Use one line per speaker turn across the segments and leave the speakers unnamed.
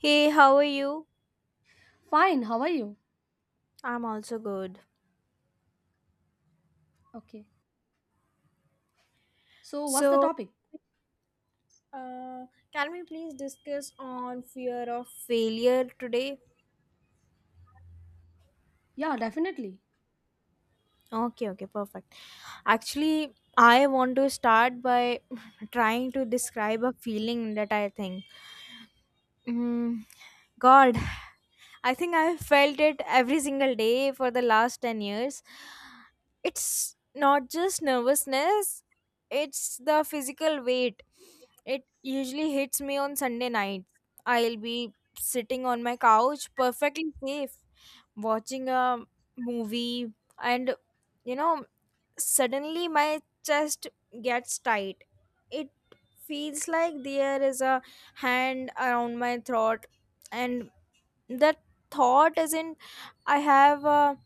Hey, how are you?
Fine, how are you?
I'm also good.
Okay. So, what's the
So,
topic?
uh, can we please discuss on fear of failure today?
Yeah, definitely.
Okay, okay, perfect. Actually, I want to start by trying to describe a feeling that I think, mm, God, I think I've felt it every single day for the last 10 years. It's not just nervousness, it's the physical weight. It usually hits me on Sunday night. I'll be sitting on my couch, perfectly safe, watching a movie, and you know, suddenly my chest gets tight. It feels like there is a hand around my throat, and that thought isn't I have a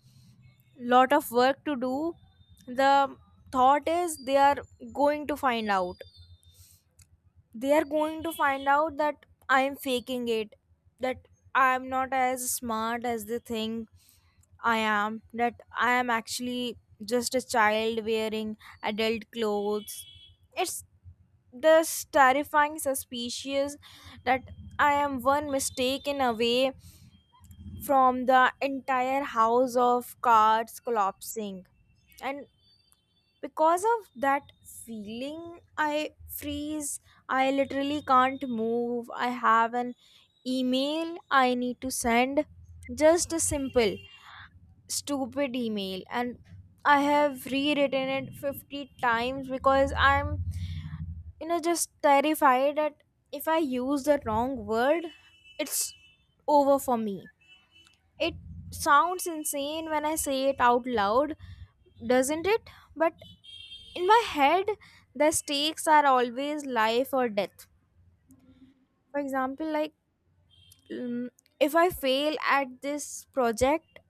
lot of work to do. The thought is they are going to find out. They are going to find out that I am faking it, that I am not as smart as they think I am, that I am actually just a child wearing adult clothes. It's this terrifying suspicious that I am one mistake in away from the entire house of cards collapsing. And because of that feeling, I freeze. I literally can't move. I have an email I need to send, just a simple stupid email, and I have rewritten it 50 times because I'm just terrified that if I use the wrong word, it's over for me. It sounds insane when I say it out loud, doesn't it? But in my head, the stakes are always life or death. For example, like, mm, if I fail at this project,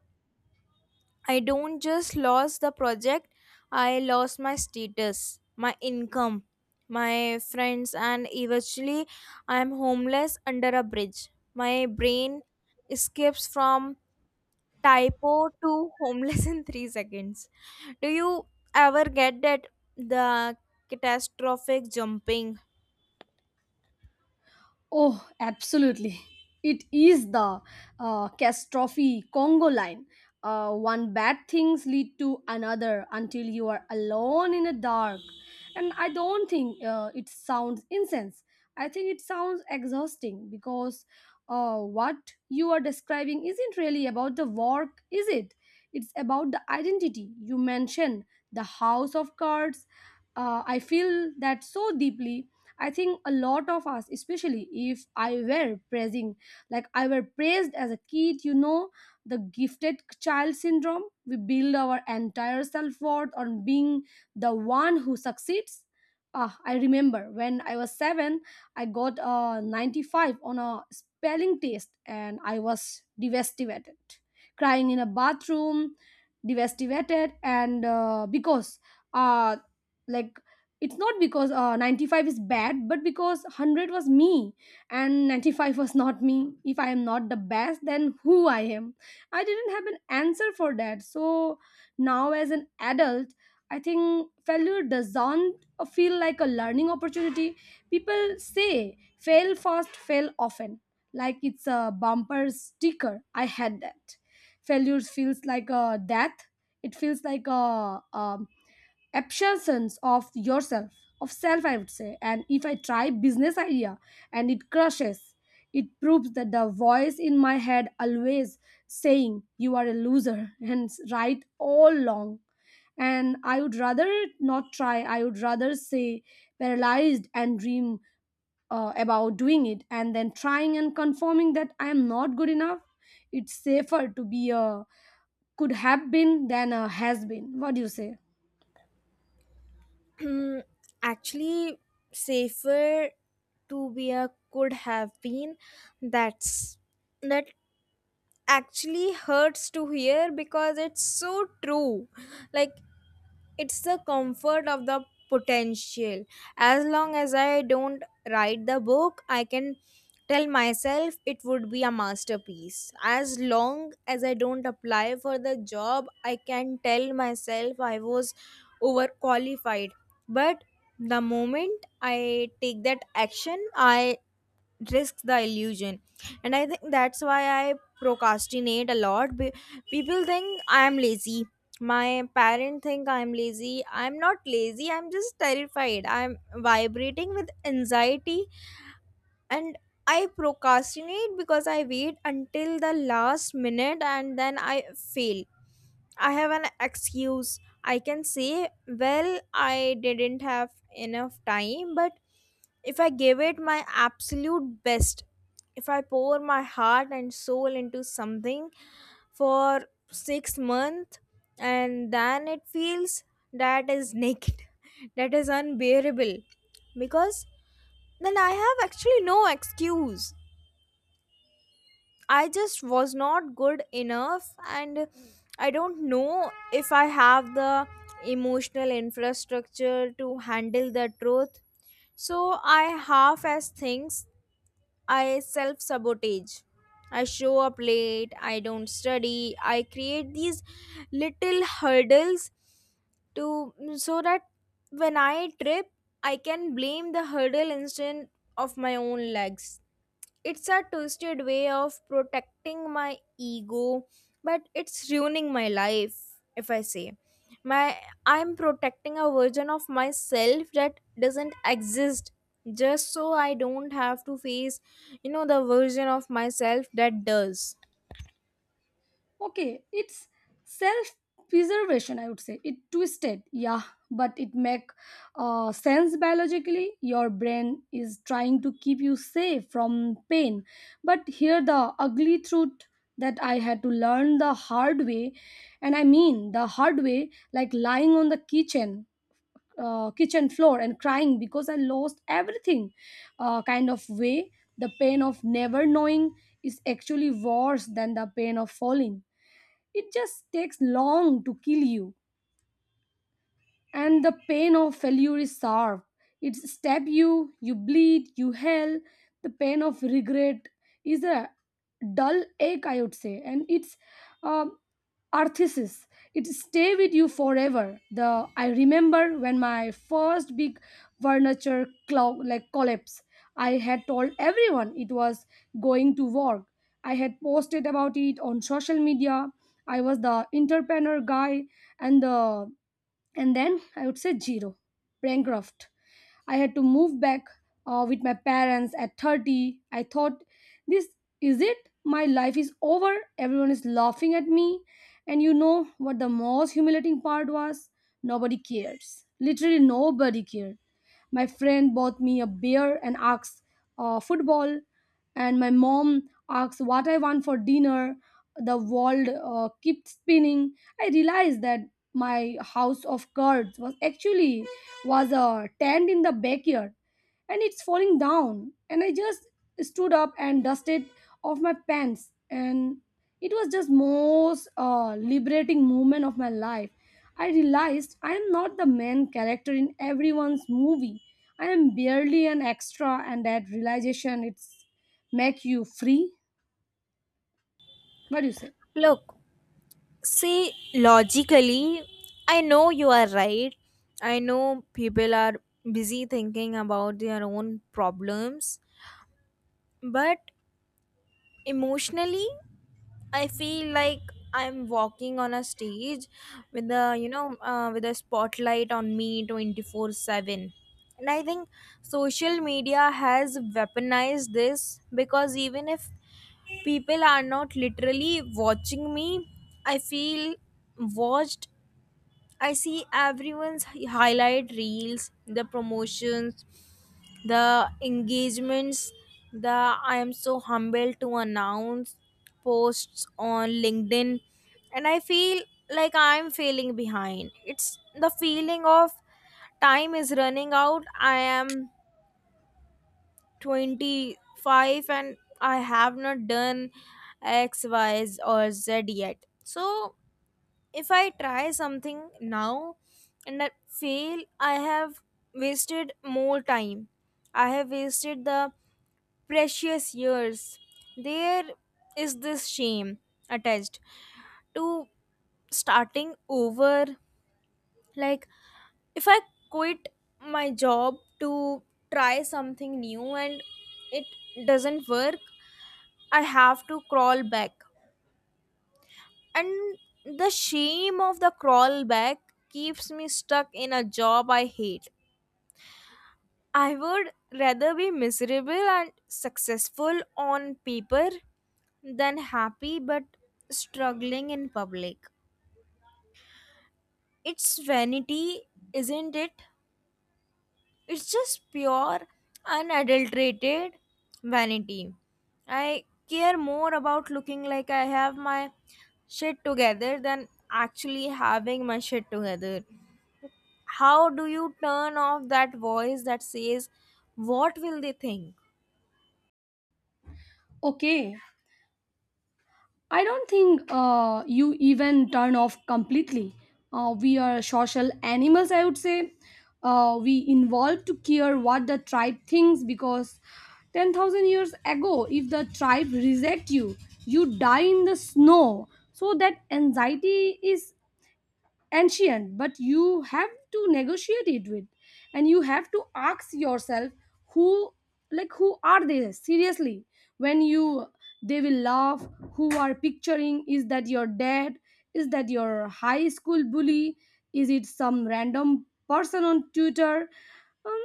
I don't just lost the project, I lost my status, my income, my friends, and eventually I am homeless under a bridge. My brain escapes from typo to homeless in 3 seconds. Do you ever get that, the catastrophic jumping?
Oh, absolutely. It is the catastrophe Congo line. One bad things lead to another until you are alone in a dark. And I don't think it sounds incense. I think it sounds exhausting because what you are describing isn't really about the work, is it? It's about the identity. You mentioned the house of cards. I feel that so deeply. I think a lot of us, especially if I were praising, like I were praised as a kid, you know, the gifted child syndrome. We build our entire self worth on being the one who succeeds. Ah, I remember when I was seven, I got a 95 on a spelling test and I was devastated, crying in a bathroom, devastated, and because uh, like it's not because 95 is bad but because 100 was me and 95 was not me. If I am not the best, then who I am? I didn't have an answer for that. So now as an adult, I think failure doesn't feel like a learning opportunity. People say fail fast, fail often, like it's a bumper sticker I had that. Failure feels like a death. It feels like a abstractions of yourself, of self, I would say. And if I try business idea and it crushes, it proves that the voice in my head always saying you are a loser and right all along. And I would rather not try. I would rather say paralyzed and dream about doing it and then trying and confirming that I am not good enough. It's safer to be a could have been than a has been. What do you say?
Hmm, actually, safer to be a could have been. that's that actually hurts to hear because it's so true. Like, it's the comfort of the potential. As long as I don't write the book, I can tell myself it would be a masterpiece. As long as I don't apply for the job, I can tell myself I was overqualified. But the moment I take that action, I risks the illusion. And I think that's why I procrastinate a lot. People think I am lazy, my parents think I am lazy. I'm not lazy, I'm just terrified, I'm vibrating with anxiety. And I procrastinate because I wait until the last minute, and then I fail, I have an excuse. I can say, well, I didn't have enough time, but if I give it my absolute best, if I pour my heart and soul into something for 6 months and then it feels that is naked, that is unbearable because then I have actually no excuse. I just was not good enough, and I don't know if I have the emotional infrastructure to handle the truth. So I half as things, I self sabotage. I show up late, I don't study, I create these little hurdles to so that when I trip, I can blame the hurdle instead of my own legs. It's a twisted way of protecting my ego, but it's ruining my life, if I say. My I'm protecting a version of myself that doesn't exist just so I don't have to face, the version of myself that does.
Okay, it's self preservation, I would say, it twisted. Yeah, but it make sense biologically. Your brain is trying to keep you safe from pain. But here the ugly truth that I had to learn the hard way. And I mean the hard way, like lying on the kitchen kitchen floor and crying because I lost everything, kind of way. The pain of never knowing is actually worse than the pain of falling. It just takes long to kill you. And the pain of failure is sharp. It stab you, you bleed, you hell. The pain of regret is a dull ache, I would say, and it's um arthesis. It stay with you forever. The I remember when my first big furniture clou like collapse. I had told everyone it was going to work. I had posted about it on social media. I was the entrepreneur guy, and the and then I would say zero, bankrupt. I had to move back with my parents at 30. I thought, this is it? My life is over. Everyone is laughing at me. And you know what the most humiliating part was? Nobody cares. Literally, nobody cared. My friend bought me a beer and asked football, and my mom asked what I want for dinner. The world kept spinning. I realized that my house of cards was actually was a tent in the backyard, and it's falling down. And I just stood up and dusted off my pants, and it was just most liberating moment of my life. I realized I am not the main character in everyone's movie. I am barely an extra, and that realization it's make you free. What do you say?
Look, see logically, I know you are right. I know people are busy thinking about their own problems, but emotionally I feel like I'm walking on a stage with a you know with a spotlight on me 24/7. And I think social media has weaponized this because even if people are not literally watching me, I feel watched. I see everyone's highlight reels, the promotions, the engagements, the I am so humbled to announce posts on LinkedIn, and I feel like I'm failing behind. It's the feeling of time is running out. I am 25 and I have not done X, Y, or Z yet. So if I try something now and I fail, I have wasted more time. I have wasted the precious years. There is this shame attached to starting over. Like, if I quit my job to try something new and it doesn't work, I have to crawl back. And the shame of the crawlback keeps me stuck in a job I hate. I would rather be miserable and successful on paper than happy but struggling in public. It's vanity, isn't it? It's just pure, unadulterated vanity. I care more about looking like I have my shit together than actually having my shit together. How do you turn off that voice that says, what will they think?
Okay, I don't think you even turn off completely. We are social animals, I would say. We involve to care what the tribe thinks because 10,000 years ago, if the tribe reject you, you die in the snow. So that anxiety is ancient, but you have to negotiate it with. And you have to ask yourself who, like who are they, seriously. When you, they will laugh, who are picturing, is that your dad, is that your high school bully, is it some random person on Twitter? um,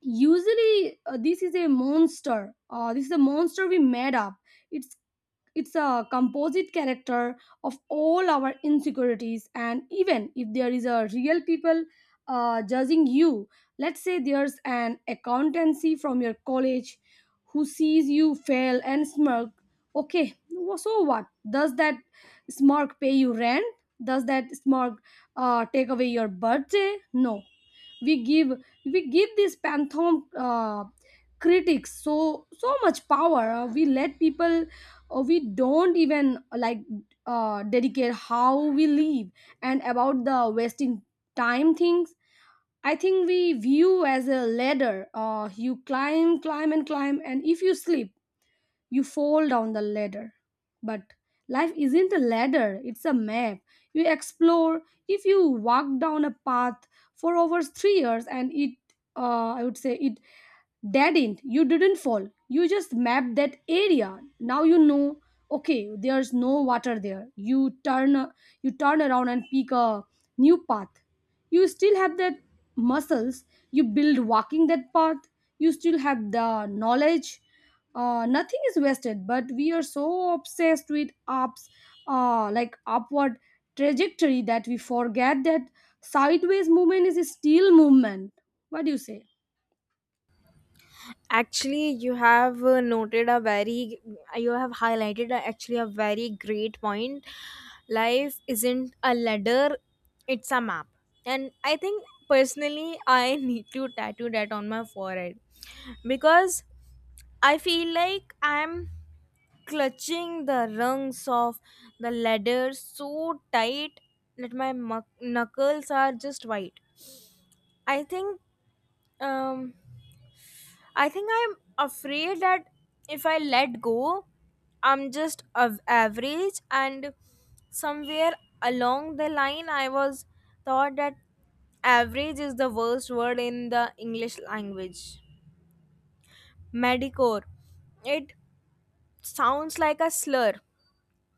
Usually, this is a monster this is a monster we made up. It it's a composite character of all our insecurities. And even if there is a real people judging you, let's say there's an accountancy from your college who sees you fail and smirk. Okay, so what does that smirk pay you rent? Does that smirk take away your birthday? No. We give we give these pantheon critics so much power. We let people, we don't even, like, dedicate how we live. And about the wasting time things, I think we view as a ladder, you climb, climb and climb, and if you sleep you fall down the ladder. But life isn't a ladder, it's a map. You explore. If you walk down a path for over 3 years and it, I would say, it didn't, you didn't fall. You just mapped that area. Now you know, okay, there's no water there. You turn around and pick a new path. You still have that muscles. You build walking that path. You still have the knowledge, nothing is wasted. But we are so obsessed with ups like upward trajectory that we forget that sideways movement is still movement. What do you say?
Actually, you have highlighted a very great point. Life isn't a ladder, it's a map. And I think personally I need to tattoo that on my forehead because I feel like I'm clutching the rungs of the ladder so tight that my knuckles are just white. I think um I think I'm afraid that if I let go, I'm just of average, and somewhere along the line I was thought that average is the worst word in the English language. Medicore. It sounds like a slur.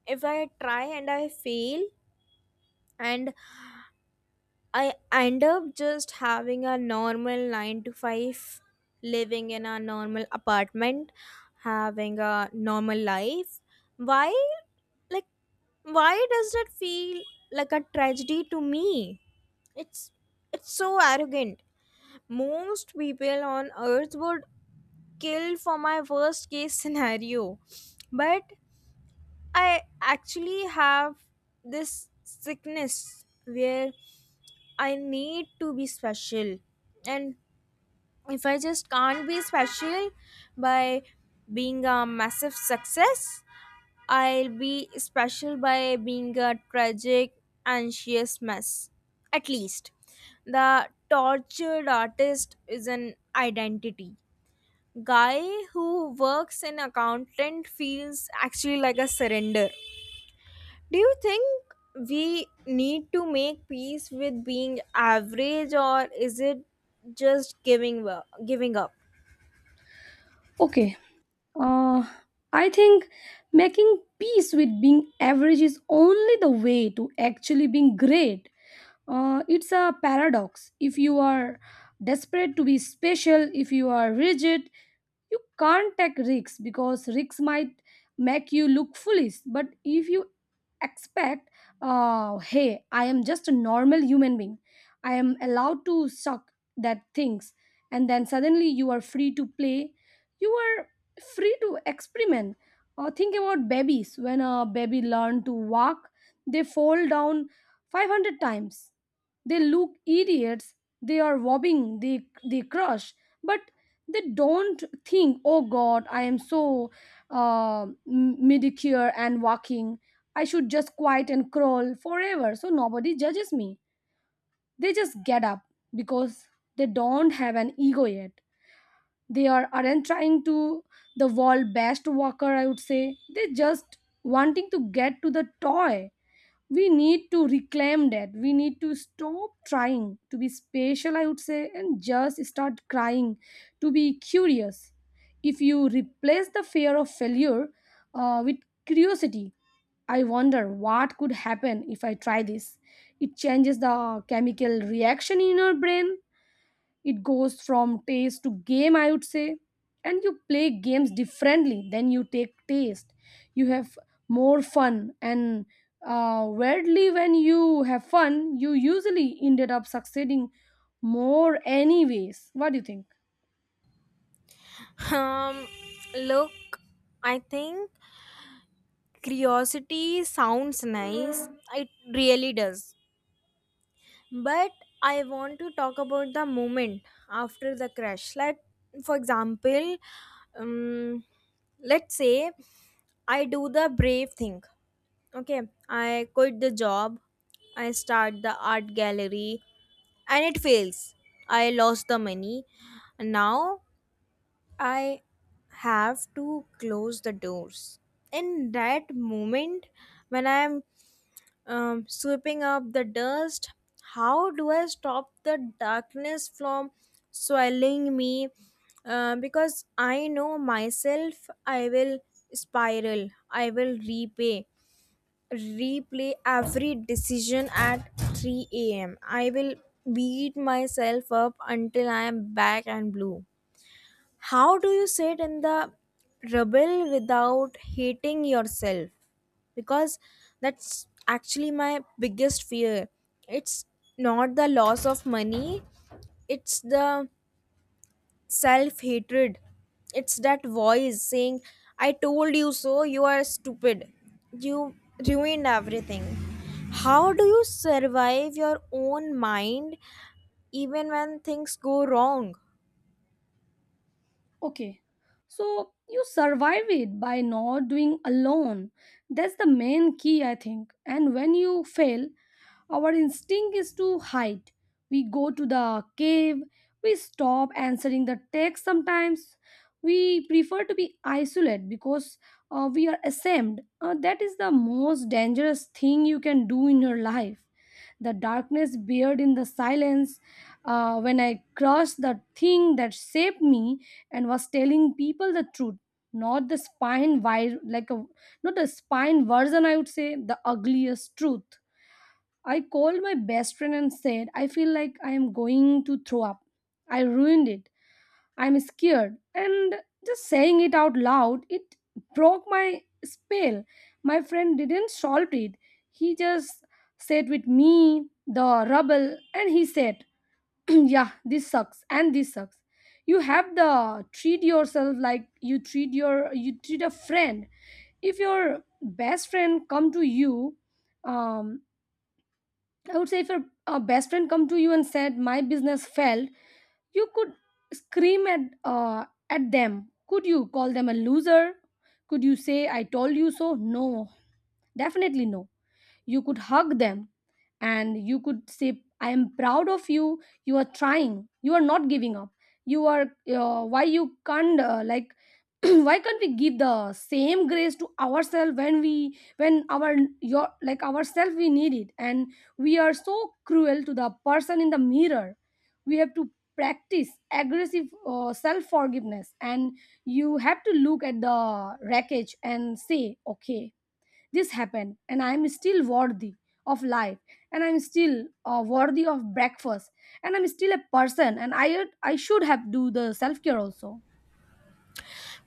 If I try and I fail and I end up just having a normal 9 to 5, living in a normal apartment, having a normal life. Why, like, why does that feel like a tragedy to me? It's it's so arrogant. Most people on earth would kill for my worst case scenario. But I actually have this sickness where I need to be special. And if I just can't be special by being a massive success, I'll be special by being a tragic, anxious mess. At least. The tortured artist is an identity. Guy who works in accountant feels actually like a surrender. Do you think we need to make peace with being average or is it just giving up?
Okay, uh, I think making peace with being average is only the way to actually being great. It's a paradox. If you are desperate to be special, if you are rigid, you can't take risks because risks might make you look foolish. But if you expect, hey, I am just a normal human being, I am allowed to suck that things, and then suddenly you are free to play. You are free to experiment. Or think about babies. When a baby learn to walk, they fall down 500 times. They look idiots. They are wobbling, they crush. But they don't think, oh god, I am so uh, medicure and walking, I should just quiet and crawl forever so nobody judges me. They just get up because they don't have an ego yet. They aren't trying to the world best walker, I would say. They just wanting to get to the toy. We need to reclaim that. We need to stop trying to be special, I would say, and just start crying to be curious. If you replace the fear of failure with curiosity, I wonder what could happen if I try this. It changes the chemical reaction in your brain. It goes from taste to game, I would say. And you play games differently than you take taste. You have more fun, and weirdly, when you have fun, you usually ended up succeeding more, anyways. What do you think?
Um Look, I think curiosity sounds nice. It really does. But I want to talk about the moment after the crash. Like, for example, um, let's say I do the brave thing. Okay, I quit the job, I start the art gallery, and it fails. I lost the money. Now I have to close the doors. In that moment, when I'm sweeping up the dust, how do I stop the darkness from swallowing me? Because I know myself, I will spiral. I will repay replay every decision at 3 a.m. I will beat myself up until I am back and blue. How do you sit in the rubble without hating yourself? Because that's actually my biggest fear. It's not the loss of money, it's the self hatred. It's that voice saying, I told you so, you are stupid. You ruined everything. How do you survive your own mind even when things go wrong?
Okay. So you survive it by not doing alone. That's the main key, I think. And when you fail, our instinct is to hide. We go to the cave, we stop answering the text sometimes. We prefer to be isolated because we are ashamed. That is the most dangerous thing you can do in your life. The darkness bared in the silence. When I crushed the thing that shaped me, and was telling people the truth, not the spine like a, not the spine version, I would say, the ugliest truth. I called my best friend and said I feel like I am going to throw up. I ruined it. I'm scared. And just saying it out loud, it broke my spell. My friend didn't solve it. He just sat with me the rubble. And he said, yeah, this sucks and this sucks. You have the treat yourself like you treat a friend. If your best friend come to you, um I would say if your best friend come to you and said my business failed, you could scream at them. Could you call them a loser? Could you say I told you so? No, definitely no. You could hug them. And you could say I am proud of you, you are trying, you are not giving up. You are, why you can't, like, why can't we give the same grace to ourselves when we, when our your, like ourselves, we need it. And we are so cruel to the person in the mirror. We have to practice aggressive self forgiveness. And you have to look at the wreckage and say, okay, this happened, and I am still worthy of life, and I am still worthy of breakfast, and I'm still a person, and I should have do the self care also.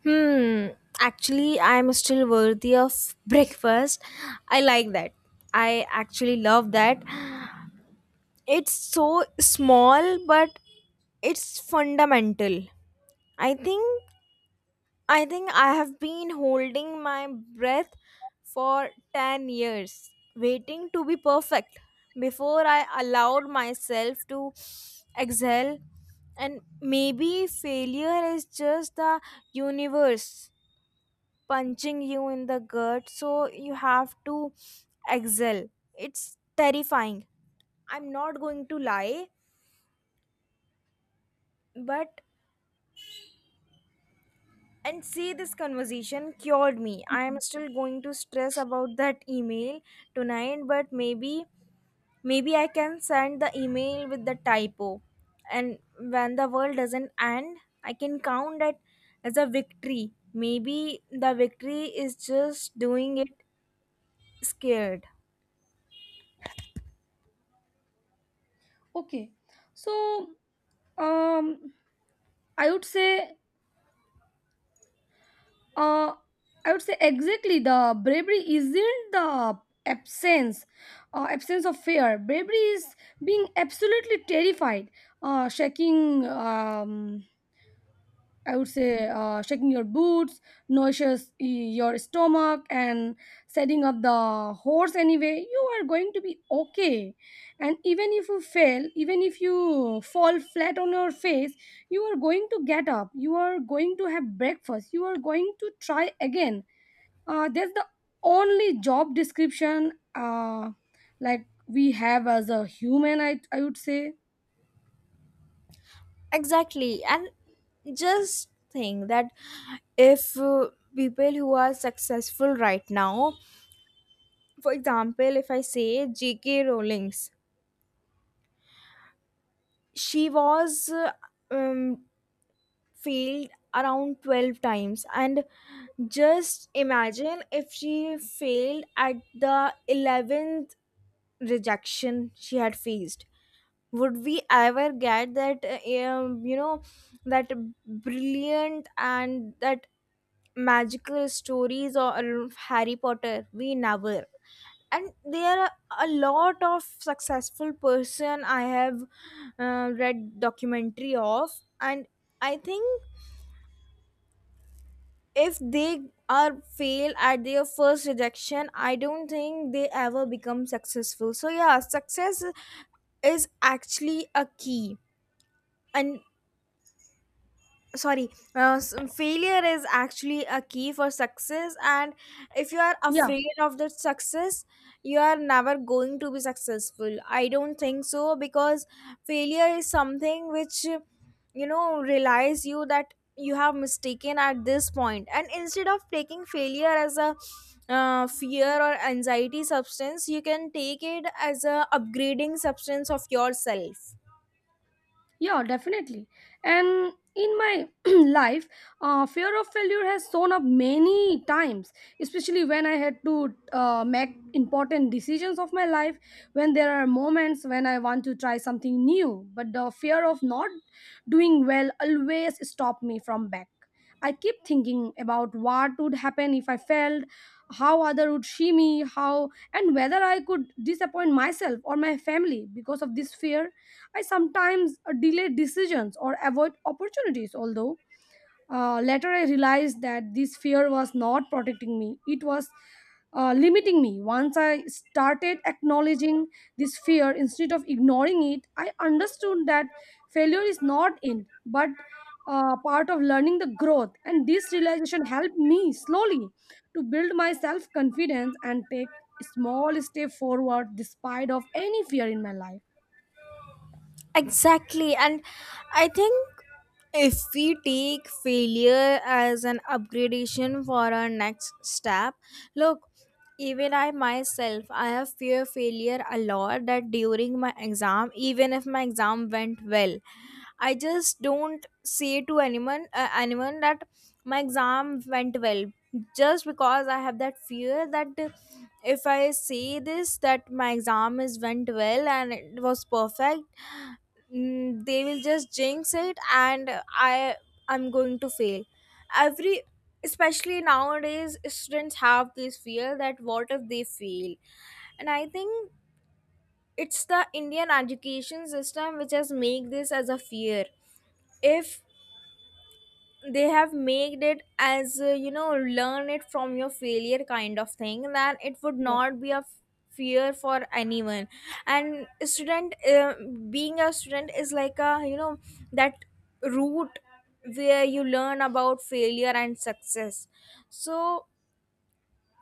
Hmm, actually, I'm still worthy of breakfast. I like that. I actually love that. It's so small, but it's fundamental. I think I think I have been holding my breath for 10 years, waiting to be perfect before I allowed myself to exhale. And maybe failure is just the universe punching you in the gut, so you have to exhale. It's terrifying. I'm not going to lie, but And see, this conversation cured me. I am still going to stress about that email tonight, but maybe I can send the email with the typo. And when the world doesn't end, I can count that as a victory. Maybe the victory is just doing it scared.
Okay, so um, I would say uh, I would say exactly the bravery isn't the absence absence of fear. Bravery is being absolutely terrified, shaking. I would say shaking your boots, nourishes your stomach, and setting up the horse anyway, you are going to be okay. And even if you fail, even if you fall flat on your face, you are going to get up, you are going to have breakfast, you are going to try again. That's the only job description like we have as a human, I would say.
Exactly. And just think that if people who are successful right now, for example, if I say J.K. Rowling's, she was um, failed around 12 times, and just imagine if she failed at the 11th rejection she had faced, would we ever get that that brilliant and that magical stories or Harry Potter? We never. And there are a lot of successful person I have read documentary of. And I think if they are fail at their first rejection, I don't think they ever become successful. So yeah, success is actually a key. And sorry, failure is actually a key for success. And if you are
Yeah,
afraid of that success, you are never going to be successful, I don't think so. Because failure is something which, realize you that you have mistaken at this point, and instead of taking failure as a fear or anxiety substance, you can take it as a upgrading substance of yourself.
Yeah, definitely. And in my life, fear of failure has shown up many times, especially when I had to make important decisions of my life. When there are moments when I want to try something new, but the fear of not doing well always stopped me from back. I keep thinking about what would happen if I failed, how other would see me, how and whether I could disappoint myself or my family because of this fear I sometimes delay decisions or avoid opportunities, although later I realized that this fear was not protecting me, it was limiting me. Once I started acknowledging this fear instead of ignoring it, I understood that failure is not in, but part of learning the growth. And this realization helped me slowly to build my self confidence and take small step forward despite of any fear in my life.
Exactly. And I think if we take failure as an upgradation for our next step, look, even I myself, I have fear failure a lot that during my exam, even if my exam went well, I just don't say to anyone that my exam went well just because I have that fear that if I say this that my exam is went well and it was perfect. They will just jinx it, and I I'm going to fail. Every Especially nowadays students have this fear that what if they fail. And I think it's the Indian education system which has made this as a fear. If they have made it as learn it from your failure kind of thing, then it would not be a fear for anyone. And student being a student is like a, that route where you learn about failure and success. So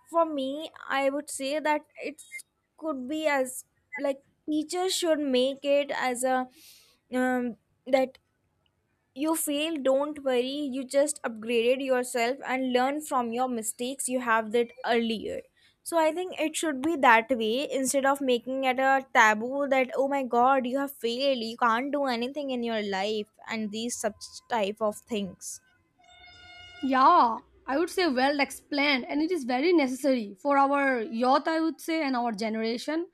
for me, I would say that it could be as, like, teachers should make it as a, um, that you fail, don't worry, you just upgraded yourself and learn from your mistakes you have that earlier. So I think it should be that way instead of making it a taboo that oh my god, you have failed, you can't do anything in your life and these such type of things.
Yeah, I would say well explained, and it is very necessary for our youth, I would say, and our generation.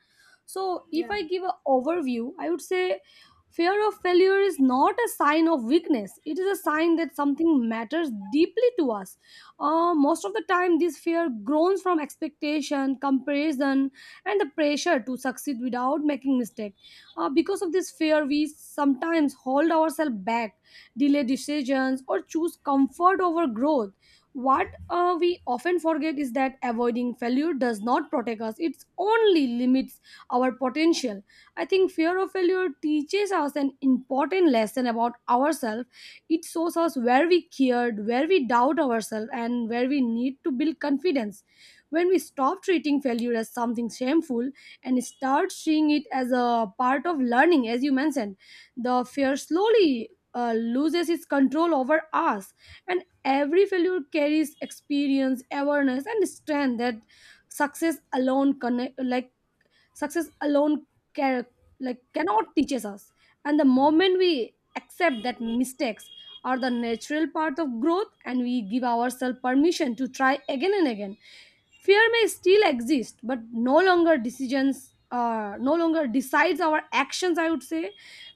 So, if
Yeah.
I give an overview, I would say fear of failure is not a sign of weakness, it is a sign that something matters deeply to us. Most of the time, this fear grows from expectation, comparison, and the pressure to succeed without making mistake. Because of this fear, we sometimes hold ourselves back delay decisions, or choose comfort over growth. What we often forget is that avoiding failure does not protect us, it only limits our potential. I think fear of failure teaches us an important lesson about ourselves. It shows us where we cared, where we doubt ourselves, and where we need to build confidence. When we stop treating failure as something shameful and start seeing it as a part of learning, as you mentioned, the fear slowly loses its control over us and every failure carries experience awareness and strength that success alone connect, like success alone can cannot teaches us and the moment we accept that mistakes are the natural part of growth and we give ourselves permission to try again and again fear may still exist but no longer decides our actions I would say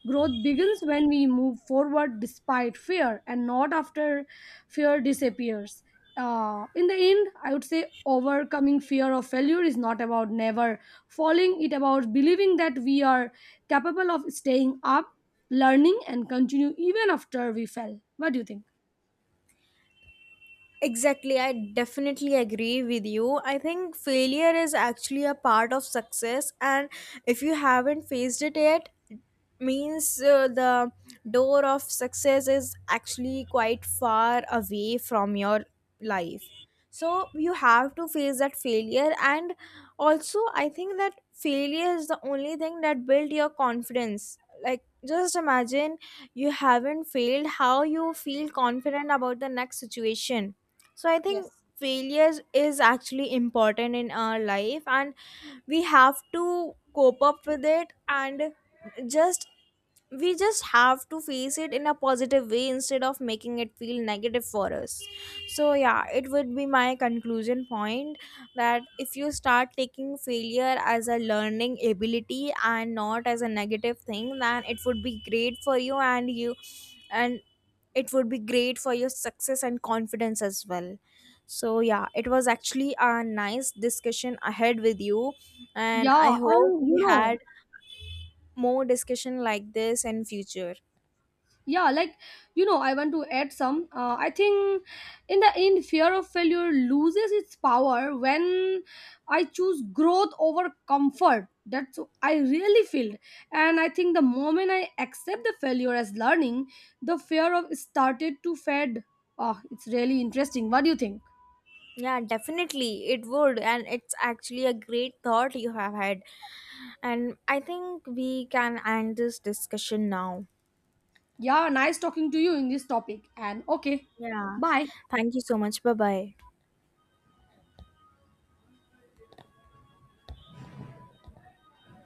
growth begins when we move forward despite fear and not after fear disappears in the end I would say overcoming fear of failure is not about never falling, it about believing that we are capable of staying up, learning, and continue even after we fell. What do you think?
Exactly, I definitely agree with you. I think failure is actually a part of success, and if you haven't faced it yet, means the door of success is actually quite far away from your life. So you have to face that failure, and also I think that failure is the only thing that built your confidence. Like, just imagine you haven't failed, how you feel confident about the next situation. So I think
Yes.
failures is actually important in our life and we have to cope up with it, and just we just have to face it in a positive way instead of making it feel negative for us. So yeah, it would be my conclusion point that if you start taking failure as a learning ability and not as a negative thing, then it would be great for you, and it would be great for your success and confidence as well. So yeah, it was actually a nice discussion ahead with you, and I
Yeah,
hope
and
we
you
had
know,
more discussion like this in future.
yeah, like you know, I want to add some. I think in the end, fear of failure loses its power when I choose growth over comfort. That's what I really feel, and I think the moment I accept the failure as learning, the fear of started to fade. Oh, it's really interesting. What do you think?
Yeah, definitely it would. And it's actually a great thought you have had. And I think we can end this discussion now.
Yeah, nice talking to you in this topic. And okay,
Yeah.
bye.
Thank you so much. Bye bye.